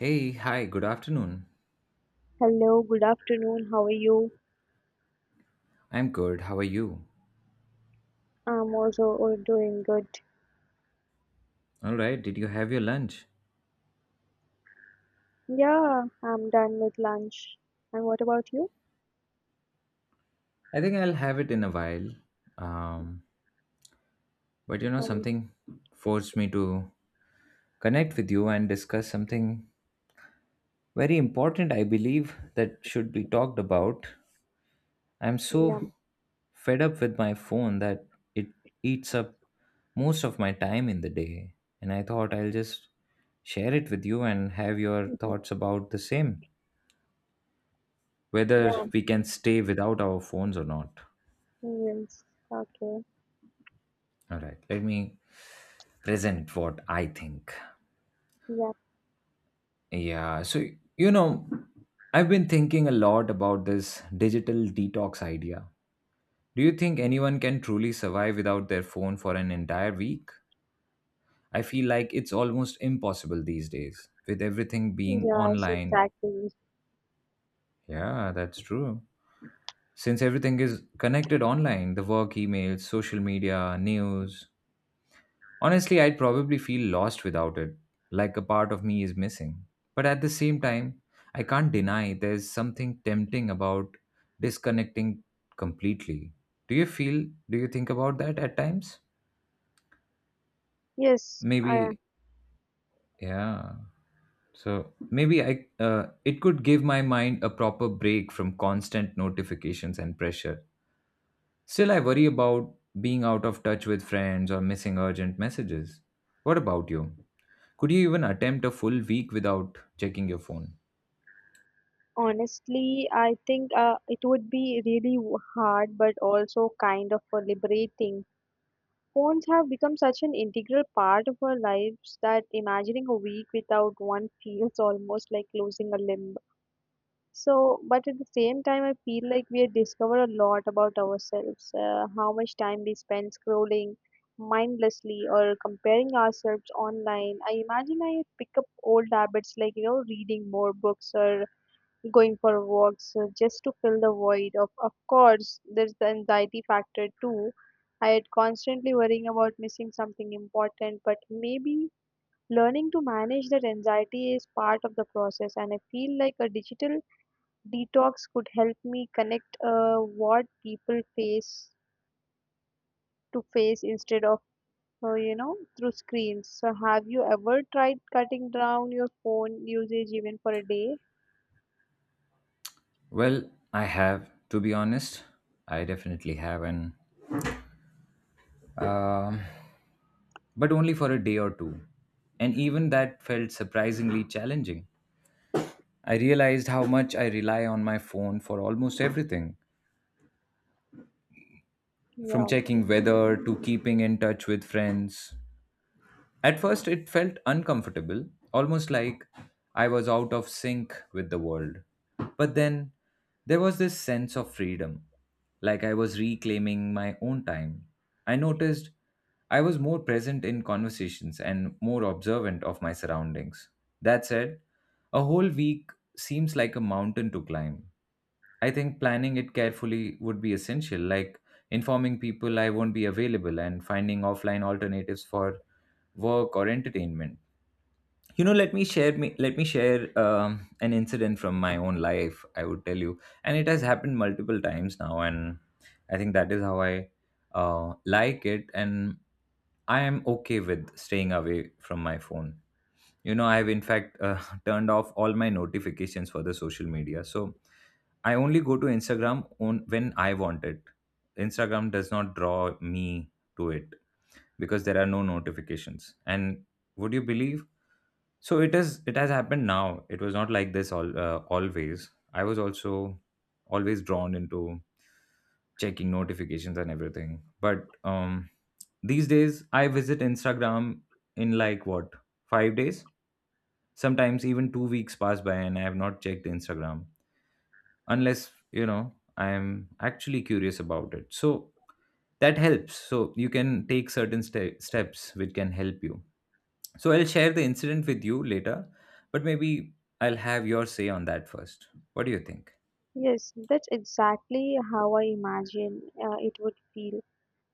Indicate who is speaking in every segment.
Speaker 1: Hey, hi, good afternoon.
Speaker 2: Hello, good afternoon. How are you?
Speaker 1: I'm good. How are you?
Speaker 2: I'm also doing good.
Speaker 1: All right, did you have your lunch?
Speaker 2: Yeah, I'm done with lunch. And what about you?
Speaker 1: I think I'll have it in a while. Um, but
Speaker 2: Um,
Speaker 1: something forced me to connect with you and discuss something very important, I believe, that should be talked about. I'm
Speaker 2: yeah,
Speaker 1: so fed up with my phone that it eats up most of my time in the day. And I thought I'll just share it with you and have your
Speaker 2: mhm,
Speaker 1: thoughts about the same, whether
Speaker 2: yeah,
Speaker 1: we can stay without our phones or not.
Speaker 2: yes, okay,
Speaker 1: All right, let me present what I think.
Speaker 2: yeah,
Speaker 1: Yeah, so you know, I've been thinking a lot about this digital detox idea. Do you think anyone can truly survive without their phone for an entire week? I feel like it's almost impossible these days with everything being
Speaker 2: yeah, yes,
Speaker 1: online.
Speaker 2: exactly.
Speaker 1: Yeah, that's true. Since everything is connected online, the work emails, social media, news, honestly, I'd probably feel lost without it, like a part of me is missing. But at the same time, I can't deny there's something tempting about disconnecting completely. Do you think about that at times?
Speaker 2: Yes, I
Speaker 1: Maybe, yeah. So maybe it could give my mind a proper break from constant notifications and pressure. Still, I worry about being out of touch with friends or missing urgent messages. What about you? Could you even attempt a full week without checking your phone?
Speaker 2: honestly, I think it would be really hard, but also kind of liberating. Phones have become such an integral part of our lives that imagining a week without one feels almost like losing a limb. So, but at the same time, I feel like we have discovered a lot about ourselves, how much time we spend scrolling mindlessly or comparing ourselves online. I imagine I pick up old habits like, you know, reading more books or going for walks just to fill the void. Of course, there's the anxiety factor too. I had constantly worrying about missing something important, but maybe learning to manage that anxiety is part of the process, and I feel like a digital detox could help me connect what people face to face instead of you know, through screens. So have you ever tried cutting down your phone usage even for a day?
Speaker 1: Well, I have, to be honest. I definitely have, and um, but only for a day or two. And even that felt surprisingly challenging. I realized how much I rely on my phone for almost everything, from
Speaker 2: Yeah.
Speaker 1: checking weather to keeping in touch with friends. At first, it felt uncomfortable, almost like I was out of sync with the world. But then there was this sense of freedom, like I was reclaiming my own time. I noticed I was more present in conversations and more observant of my surroundings. That said, a whole week seems like a mountain to climb. I think planning it carefully would be essential, like informing people I won't be available and finding offline alternatives for work or entertainment. You know, let me share an incident from my own life. I would tell you, and it has happened multiple times now, and I think that is how I like it, and I am okay with staying away from my phone. You know, I have, in fact, turned off all my notifications for the social media, so I only go to Instagram on when I want it. Instagram does not draw me to it because there are no notifications. And would you believe, so it is, it has happened now. It was not like this all always. I was also always drawn into checking notifications and everything, but these days I visit Instagram in like what, 5 days. Sometimes even 2 weeks pass by and I have not checked Instagram unless, you know, I am actually curious about it. So that helps. So you can take certain steps which can help you. So I'll share the incident with you later, but maybe I'll have your say on that first. What do you think?
Speaker 2: Yes, that's exactly how I imagine it would feel.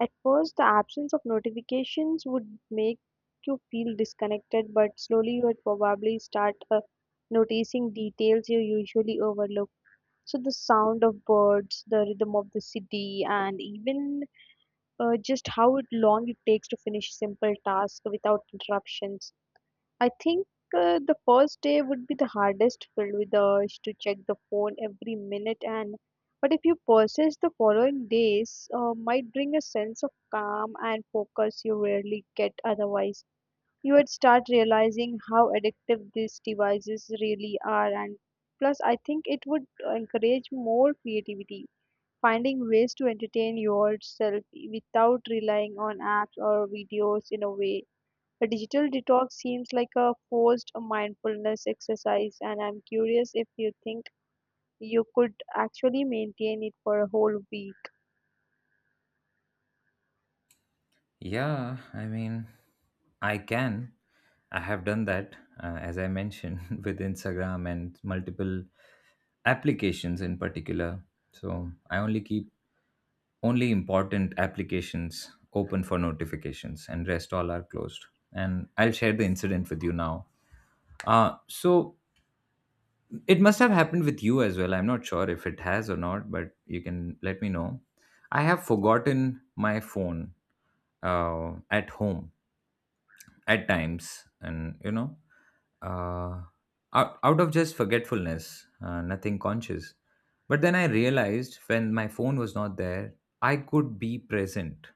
Speaker 2: At first, the absence of notifications would make you feel disconnected, but slowly you would probably start noticing details you usually overlook. So the sound of birds, the rhythm of the city, and even just long it takes to finish simple tasks without interruptions. I think the first day would be the hardest, filled with the urge to check the phone every minute. And but if you persist, the following days might bring a sense of calm and focus you rarely get otherwise. You would start realizing how addictive these devices really are, and plus I think it would encourage more creativity, finding ways to entertain yourself without relying on apps or videos. In a way, a digital detox seems like a forced mindfulness exercise, and I'm curious if you think you could actually maintain it for a whole week.
Speaker 1: Yeah, I mean, I can. I have done that, as I mentioned, with Instagram and multiple applications in particular. So I only keep only important applications open for notifications and rest all are closed. And I'll share the incident with you now. So it must have happened with you as well. I'm not sure if it has or not, but you can let me know. I have forgotten my phone, at home, at times, and you know, uh, out of just forgetfulness, nothing conscious. But then I realized when my phone was not there, I could be present.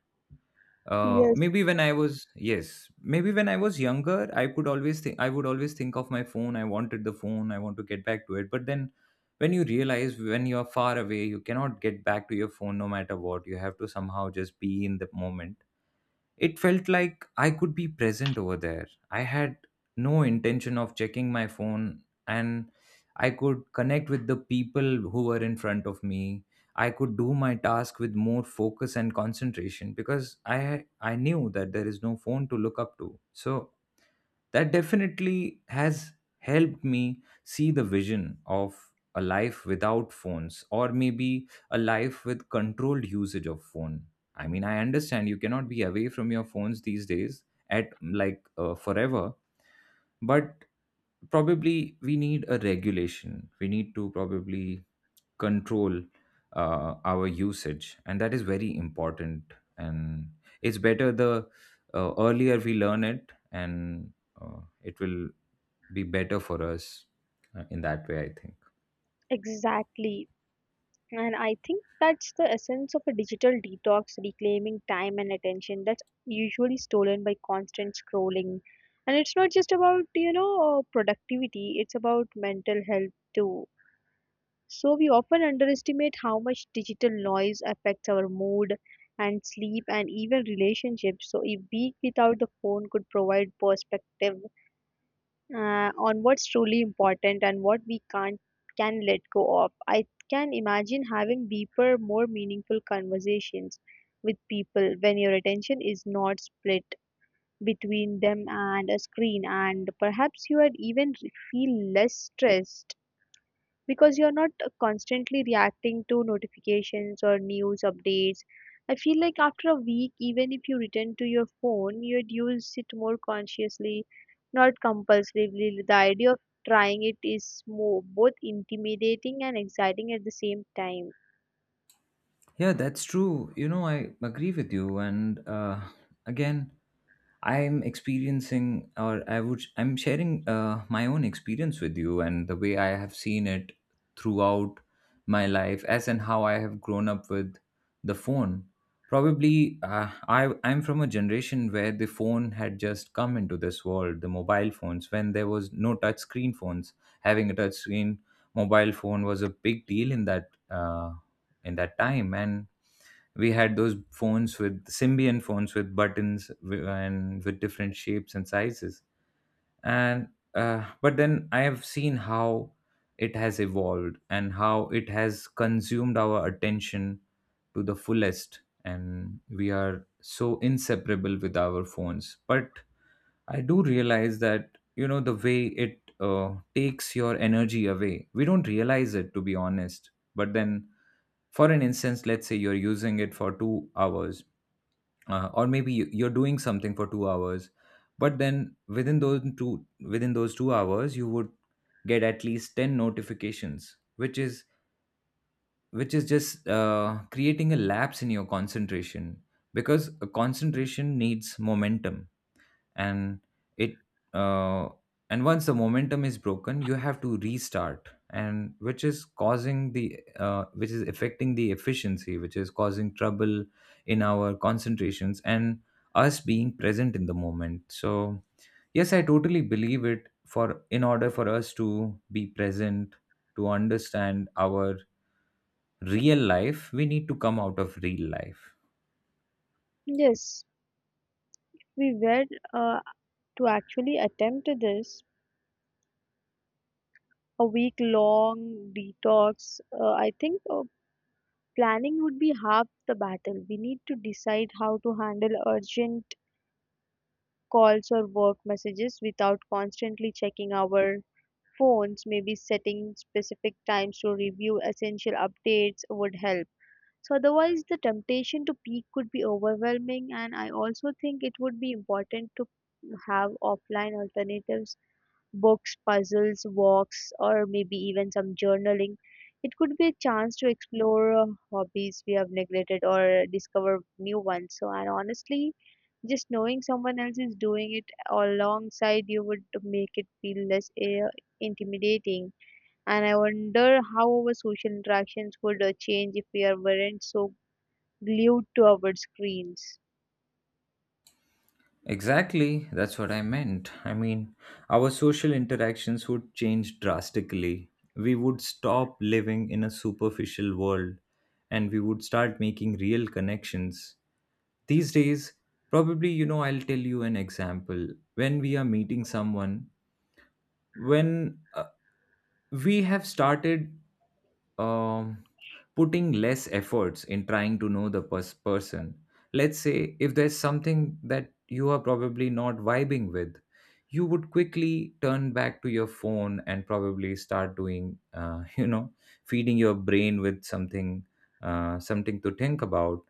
Speaker 2: Yes,
Speaker 1: Maybe when I was Yes, maybe when I was younger, I could always think I would always think of my phone. I wanted the phone, I want to get back to it. But then when you realize when you are far away, you cannot get back to your phone no matter what. You have to somehow just be in the moment. It felt like I could be present over there. I had no intention of checking my phone and I could connect with the people who were in front of me. I could do my task with more focus and concentration because I knew that there is no phone to look up to. So that definitely has helped me see the vision of a life without phones, or maybe a life with controlled usage of phone. I mean, I understand you cannot be away from your phones these days at like forever, but probably we need a regulation, we need to probably control our usage, and that is very important. And it's better the earlier we learn it, and it will be better for us, in that way I think.
Speaker 2: exactly. And I think that's the essence of a digital detox, reclaiming time and attention that's usually stolen by constant scrolling. And it's not just about, you know, productivity, it's about mental health too. So we often underestimate how much digital noise affects our mood and sleep and even relationships. So a week without the phone could provide perspective on what's truly important and what we can't can let go of. I can imagine having deeper, more meaningful conversations with people when your attention is not split between them and a screen, and perhaps you would even feel less stressed because you're not constantly reacting to notifications or news updates. I feel like after a week, even if you return to your phone, you'd use it more consciously, not compulsively. The idea of trying it is more both intimidating and exciting at the same time.
Speaker 1: Yeah, that's true. You know, I agree with you. And again, I'm experiencing, or I would, I'm sharing my own experience with you and the way I have seen it throughout my life, as and how I have grown up with the phone. Probably, I'm from a generation where the phone had just come into this world, the mobile phones, when there was no touch screen phones. Having a touch screen mobile phone was a big deal in that. In that time, and we had those phones with symbian phones with buttons and with different shapes and sizes, and but then I have seen how it has evolved and how it has consumed our attention to the fullest, and we are so inseparable with our phones. But I do realize that, you know, the way it takes your energy away, we don't realize it, to be honest. But then, for an instance, let's say you're using it for 2 hours, or maybe you're doing something for 2 hours, but then within those two within those 2 hours you would get at least 10 notifications, which is just creating a lapse in your concentration, because a concentration needs momentum, and it uh, and once the momentum is broken you have to restart, and which is causing the which is affecting the efficiency, which is causing trouble in our concentrations and us being present in the moment. So yes, I totally believe it, for in order for us to be present, to understand our real life, we need to come out of real life.
Speaker 2: Yes, we were uh, to actually attempt this a week long detox. I think planning would be half the battle. We need to decide how to handle urgent calls or work messages without constantly checking our phones, maybe setting specific times to review essential updates would help. So otherwise the temptation to peak could be overwhelming, and I also think it would be important to have offline alternatives, books, puzzles, walks, or maybe even some journaling. It could be a chance to explore hobbies we have neglected or discover new ones. So and honestly, just knowing someone else is doing it alongside you would make it feel less intimidating. And I wonder how our social interactions would change if we weren't so glued to our screens.
Speaker 1: Exactly, that's what I meant. I mean, our social interactions would change drastically. We would stop living in a superficial world and we would start making real connections. These days, probably, you know, I'll tell you an example. When we are meeting someone, when we have started, um, putting less efforts in trying to know the person. Let's say if there's something that you are probably not vibing with, you would quickly turn back to your phone and probably start doing, you know, feeding your brain with something, something to think about.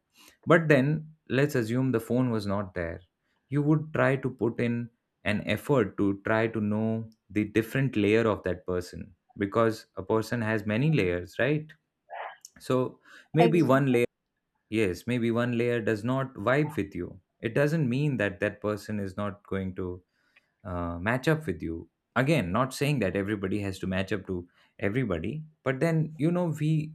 Speaker 1: But then let's assume the phone was not there. You would try to put in an effort to try to know the different layer of that person, because a person has many layers, right? So maybe
Speaker 2: Ex-
Speaker 1: one layer, yes, maybe one layer does not vibe with you. It doesn't mean that that person is not going to match up with you. Again, not saying that everybody has to match up to everybody, but then, you know, we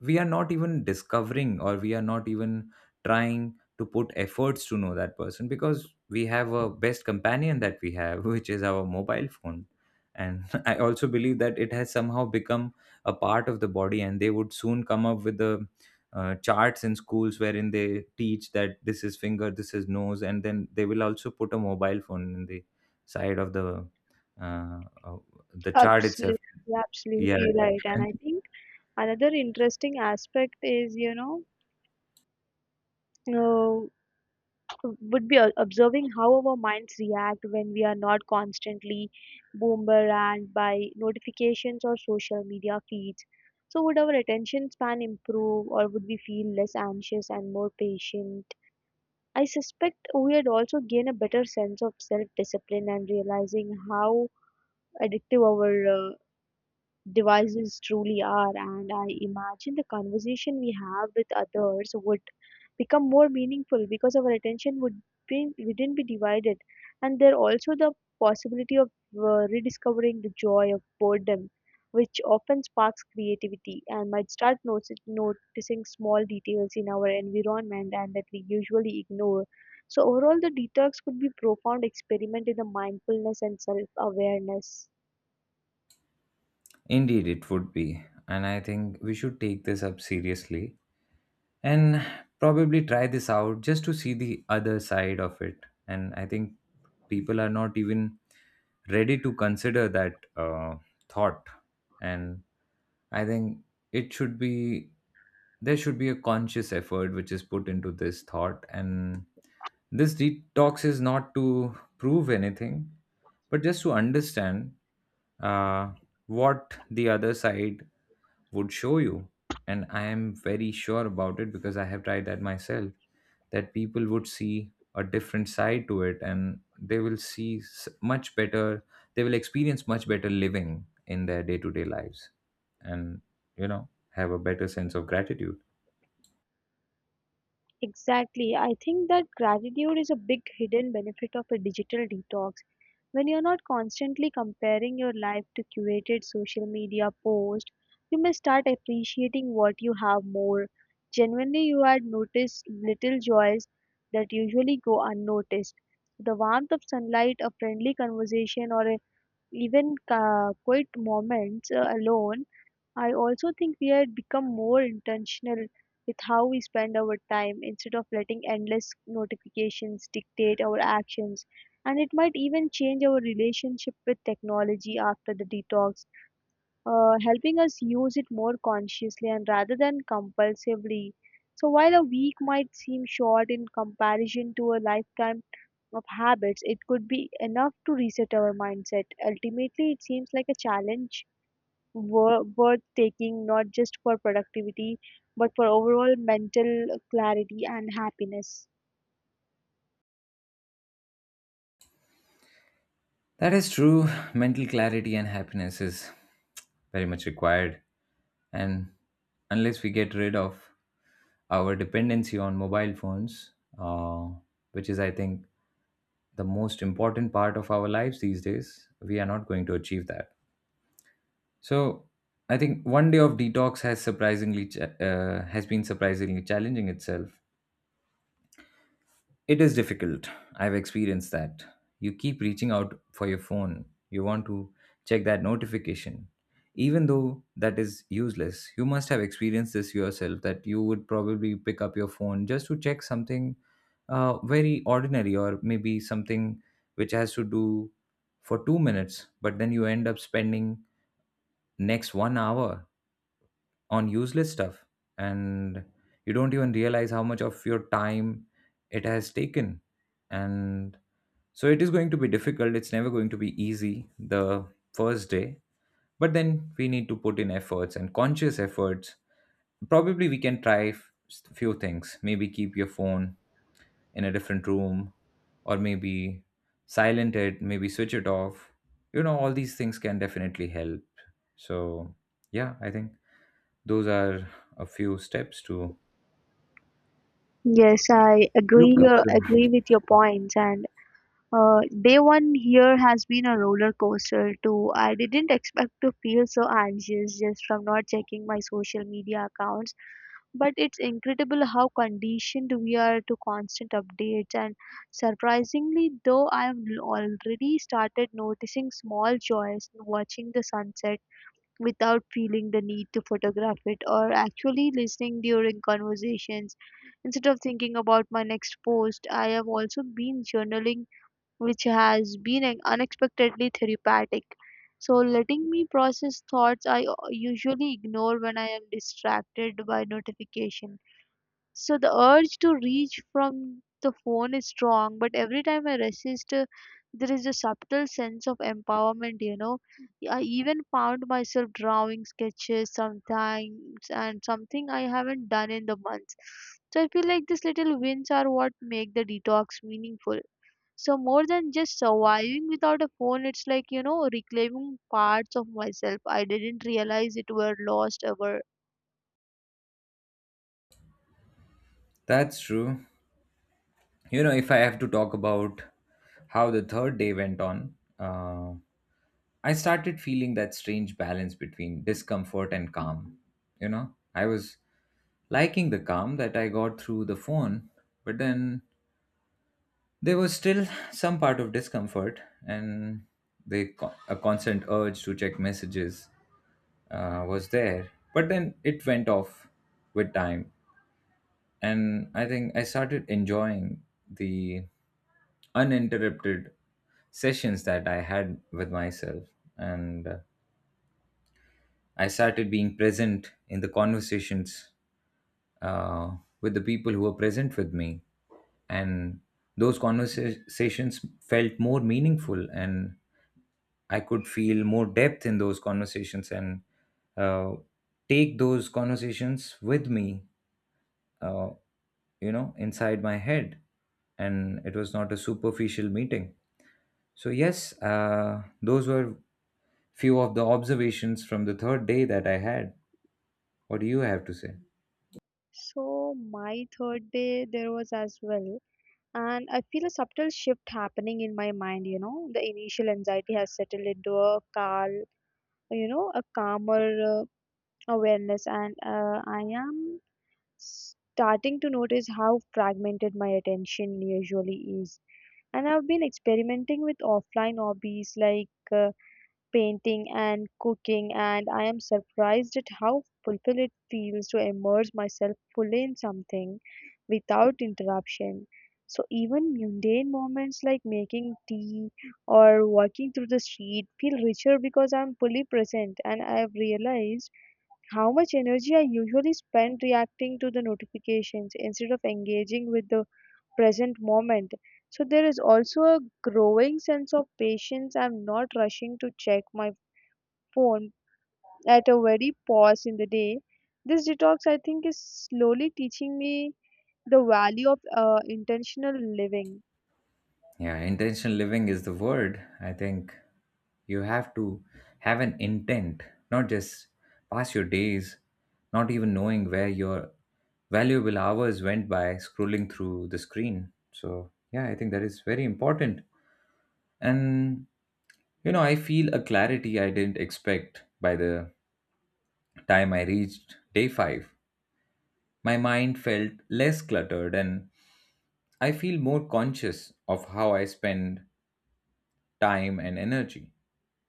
Speaker 1: we are not even discovering, or we are not even trying to put efforts to know that person, because we have a best companion that we have which is our mobile phone. And I also believe that it has somehow become a part of the body, and they would soon come up with the charts in schools wherein they teach that this is finger, this is nose, and then they will also put a mobile phone in the side of uh, uh, the chart
Speaker 2: Absolutely,
Speaker 1: itself. Yeah,
Speaker 2: absolutely right. And I think another interesting aspect is, you know, would be observing how our minds react when we are not constantly bombarded by notifications or social media feeds. So, would our attention span improve or would we feel less anxious and more patient? I suspect we would also gain a better sense of self discipline and realizing how addictive our devices truly are, and I imagine the conversation we have with others would become more meaningful because our attention wouldn't be divided, and there also the possibility of rediscovering the joy of boredom, which often sparks creativity, and might noticing small details in our environment and that we usually ignore. So overall, the detox could be profound experiment in the mindfulness and self-awareness.
Speaker 1: indeed, it would be, and I think we should take this up seriously, and probably try this out just to see the other side of it. And I think people are not even ready to consider that thought. And I think it should be there should be a conscious effort which is put into this thought, and this detox is not to prove anything but just to understand uh, what the other side would show you. And I am very sure about it, because I have tried that myself, that people would see a different side to it, and they will see much better, they will experience much better living in their day-to-day lives and, you know have a better sense of gratitude.
Speaker 2: Exactly. I think that gratitude is a big hidden benefit of a digital detox. When you're not constantly comparing your life to curated social media posts, you may start appreciating what you have more. Genuinely, you had noticed little joys that usually go unnoticed. The warmth of sunlight, a friendly conversation, even quiet moments alone. I also think we had become more intentional with how we spend our time instead of letting endless notifications dictate our actions. And it might even change our relationship with technology after the detox, helping us use it more consciously and rather than compulsively. So while a week might seem short in comparison to a lifetime of habits, it could be enough to reset our mindset. Ultimately, it seems like a challenge worth taking, not just for productivity but for overall mental clarity and happiness.
Speaker 1: That is true. Mental clarity and happiness is very much required, and unless we get rid of our dependency on mobile phones, uh, which is, I think, the most important part of our lives these days, we are not going to achieve that. So I think 1 day of detox has surprisingly has been surprisingly challenging itself. It is difficult. I've experienced that. You keep reaching out for your phone. You want to check that notification. Even though that is useless, you must have experienced this yourself, that you would probably pick up your phone just to check something very ordinary, or maybe something which has to do for 2 minutes, but then you end up spending next 1 hour on useless stuff, and you don't even realize how much of your time it has taken. And so it is going to be difficult, it's never going to be easy, the first day. But then we need to put in efforts and conscious efforts. Probably we can try few things. Maybe keep your phone in a different room, or maybe silent it, maybe switch it off. You know, all these things can definitely help. So yeah, I think those are a few steps to
Speaker 2: Yes, I agree
Speaker 1: look up
Speaker 2: uh,
Speaker 1: to.
Speaker 2: agree with your points, and day one here has been a roller coaster too. I didn't expect to feel so anxious just from not checking my social media accounts, but it's incredible how conditioned we are to constant updates. And surprisingly, though, I've already started noticing small joys in watching the sunset without feeling the need to photograph it, or actually listening during conversations instead of thinking about my next post. I have also been journaling, which has been unexpectedly therapeutic, so letting me process thoughts I usually ignore when I am distracted by notification. So the urge to reach from the phone is strong, but every time I resist, there is a subtle sense of empowerment, you know. I even found myself drawing sketches sometimes, and something I haven't done in the months. So I feel like these little wins are what make the detox meaningful. So more than just surviving without a phone, it's like, you know, reclaiming parts of myself. I didn't realize it were lost ever.
Speaker 1: That's true. You know, if I have to talk about how the third day went on, I started feeling that strange balance between discomfort and calm. You know, I was liking the calm that I got through the phone, but then there was still some part of discomfort, and a constant urge to check messages was there. But then it went off with time, and I think I started enjoying the uninterrupted sessions that I had with myself. And I started being present in the conversations uh, with the people who were present with me, and those conversations felt more meaningful, and I could feel more depth in those conversations, and, uh, take those conversations with me, uh, inside my head. And it was not a superficial meeting. So yes, those were few of the observations from the third day that I had. What do you have to say?
Speaker 2: So my third day there was as well. And I feel a subtle shift happening in my mind, you know. The initial anxiety has settled into a calm, you know, a calmer awareness, and I am starting to notice how fragmented my attention usually is. And I've been experimenting with offline hobbies like painting and cooking, and I am surprised at how fulfilled it feels to immerse myself fully in something without interruption. So, even mundane moments like making tea or walking through the street feel richer because I'm fully present, and I have realized how much energy I usually spend reacting to the notifications instead of engaging with the present moment. So there is also a growing sense of patience. I'm not rushing to check my phone at a very pause in the day. This detox, I think, is slowly teaching me the value of intentional living.
Speaker 1: Yeah, intentional living is the word, I think. You have to have an intent, not just pass your days not even knowing where your valuable hours went by scrolling through the screen. So yeah, I think that is very important. And you know, I feel a clarity I didn't expect by the time I reached day five. My mind felt less cluttered, and I feel more conscious of how I spend time and energy.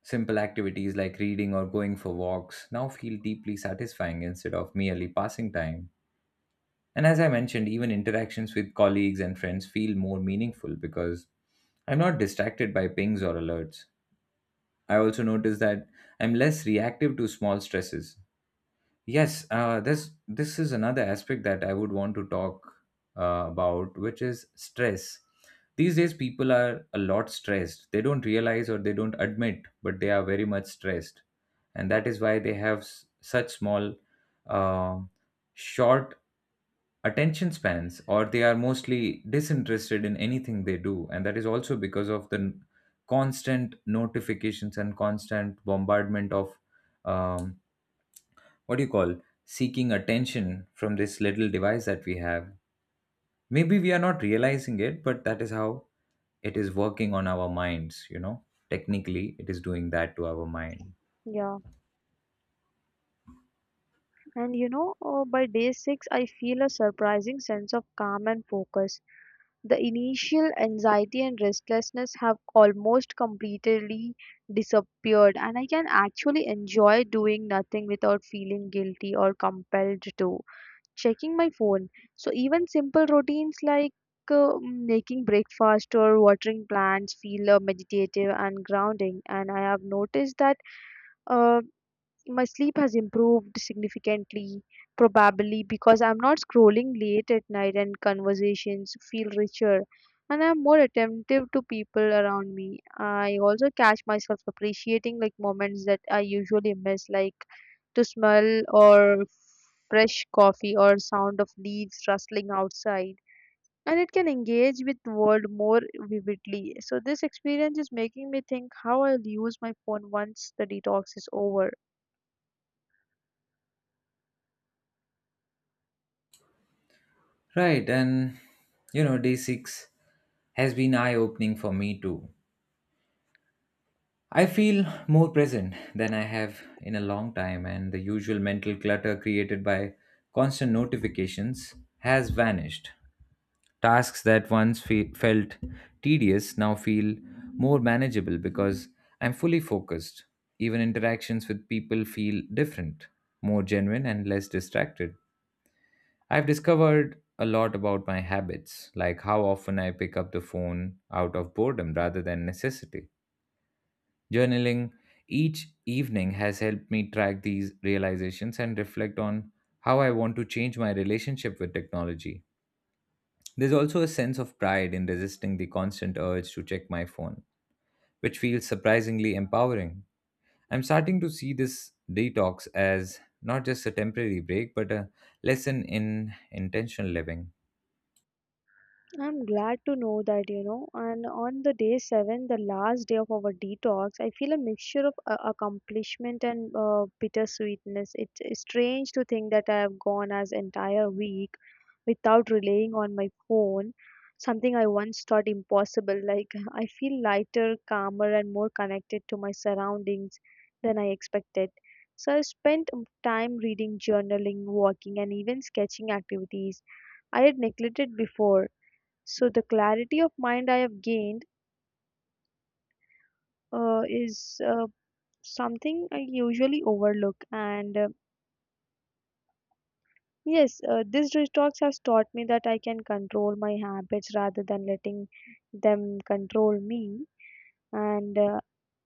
Speaker 1: Simple activities like reading or going for walks now feel deeply satisfying instead of merely passing time. And as I mentioned, even interactions with colleagues and friends feel more meaningful because I'm not distracted by pings or alerts. I also notice that I'm less reactive to small stresses. Yes, this is another aspect that I would want to talk about, which is stress. These days, people are a lot stressed. They don't realize, or they don't admit, but they are very much stressed, and that is why they have such small, uh, short attention spans, or they are mostly disinterested in anything they do. And that is also because of the constant notifications and constant bombardment of, Um, what do you call, seeking attention from this little device that we have. Maybe we are not realizing it, but that is how it is working on our minds, you know. Technically, it is doing that to our mind.
Speaker 2: Yeah. And you know, by day six, I feel a surprising sense of calm and focus. The initial anxiety and restlessness have almost completely disappeared, and I can actually enjoy doing nothing without feeling guilty or compelled to checking my phone. So even simple routines like making breakfast or watering plants feel meditative and grounding. And I have noticed that uh, my sleep has improved significantly, probably because I'm not scrolling late at night, and conversations feel richer. And I'm more attentive to people around me. I also catch myself appreciating like moments that I usually miss, like to smell or fresh coffee or sound of leaves rustling outside, and it can engage with world more vividly. So this experience is making me think how I'll use my phone once the detox is over.
Speaker 1: Right, and you know, day 6 has been eye opening for me too. I feel more present than I have in a long time, and the usual mental clutter created by constant notifications has vanished. Tasks that once felt tedious now feel more manageable because I'm fully focused. Even interactions with people feel different, more genuine, and less distracted. I've discovered a lot about my habits, like how often I pick up the phone out of boredom rather than necessity. Journaling each evening has helped me track these realizations and reflect on how I want to change my relationship with technology. There's also a sense of pride in resisting the constant urge to check my phone, which feels surprisingly empowering. I'm starting to see this detox as not just a temporary break, but a lesson in intentional living.
Speaker 2: I'm glad to know that, you know, and on the day seven, the last day of our detox, I feel a mixture of accomplishment and bittersweetness. It's strange to think that I have gone as entire week without relying on my phone, something I once thought impossible. Like I feel lighter, calmer, and more connected to my surroundings than I expected. So I spent time reading, journaling, walking, and even sketching activities I had neglected before. So the clarity of mind I have gained is something I usually overlook. And yes, this detox has taught me that I can control my habits rather than letting them control me. And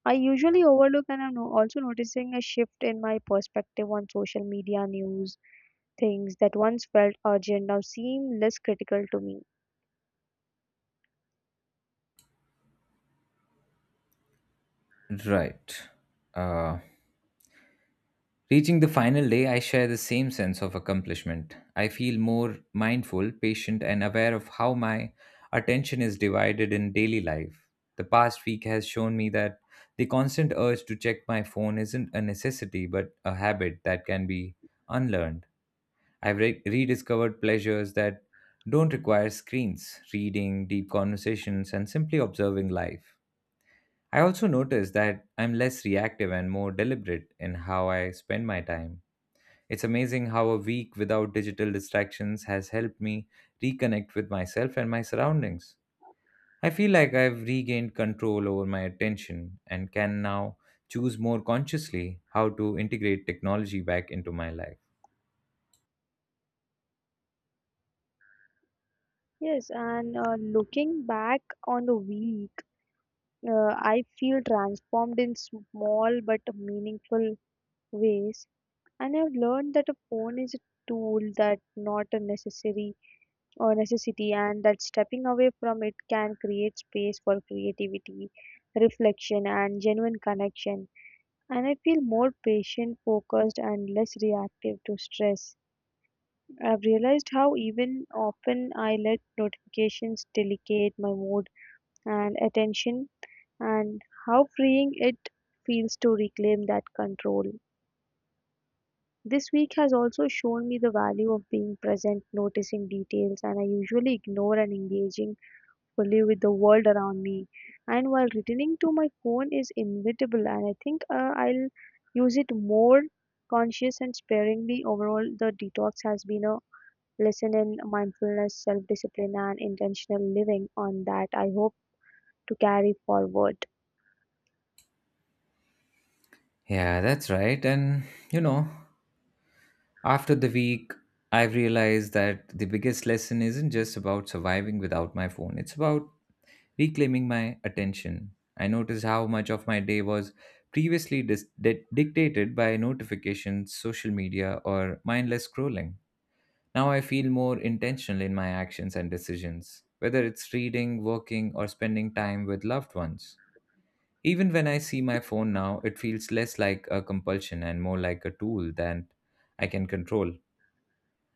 Speaker 2: I usually overlook, and I'm also noticing a shift in my perspective on social media news. Things that once felt urgent now seem less critical to me.
Speaker 1: Right. Uh, Reaching the final day, I share the same sense of accomplishment. I feel more mindful, patient, and aware of how my attention is divided in daily life. The past week has shown me that the constant urge to check my phone isn't a necessity, but a habit that can be unlearned. I've rediscovered pleasures that don't require screens: reading, deep conversations, and simply observing life. I also notice that I'm less reactive and more deliberate in how I spend my time. It's amazing how a week without digital distractions has helped me reconnect with myself and my surroundings. I feel like I've regained control over my attention and can now choose more consciously how to integrate technology back into my life.
Speaker 2: Yes, and looking back on the week, I feel transformed in small but meaningful ways, and I've learned that a phone is a tool that not a necessary or necessity, and that stepping away from it can create space for creativity, reflection, and genuine connection. And I feel more patient, focused, and less reactive to stress. I've realized how even often I let notifications delicate my mood and attention, and how freeing it feels to reclaim that control. This week has also shown me the value of being present, noticing details, and I usually ignore and engaging fully with the world around me. And while returning to my phone is inevitable, and I think I'll use it more conscious and sparingly. Overall, the detox has been a lesson in mindfulness, self discipline, and intentional living on that I hope to carry forward.
Speaker 1: Yeah, that's right. And, you know, after the week, I've realized that the biggest lesson isn't just about surviving without my phone, it's about reclaiming my attention. I noticed how much of my day was previously dictated by notifications, social media, or mindless scrolling. Now I feel more intentional in my actions and decisions, whether it's reading, working, or spending time with loved ones. Even when I see my phone now, it feels less like a compulsion and more like a tool that I can control.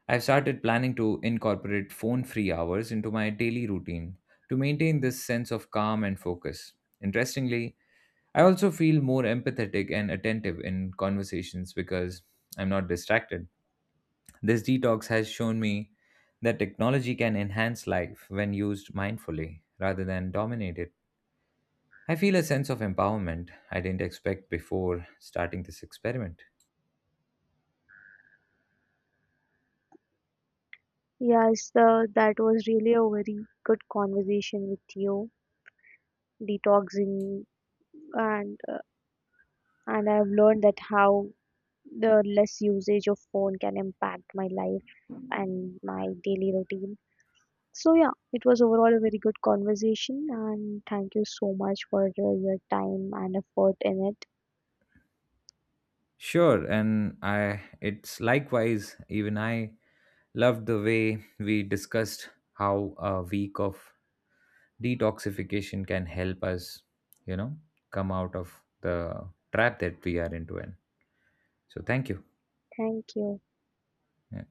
Speaker 1: I've started planning to incorporate phone free hours into my daily routine to maintain this sense of calm and focus. Interestingly, I also feel more empathetic and attentive in conversations because I'm not distracted. This detox has shown me that technology can enhance life when used mindfully rather than dominate it. I feel a sense of empowerment I didn't expect before starting this experiment.
Speaker 2: Yes, that was really a very good conversation with you, detoxing, and and I've learned that how the less usage of phone can impact my life and my daily routine. So yeah, it was overall a very good conversation, and thank you so much for your time and effort in it.
Speaker 1: Sure, and I it's likewise. Even I loved the way we discussed how a week of detoxification can help us, you know, come out of the trap that we are into in. So thank you.
Speaker 2: Thank you.
Speaker 1: Yeah.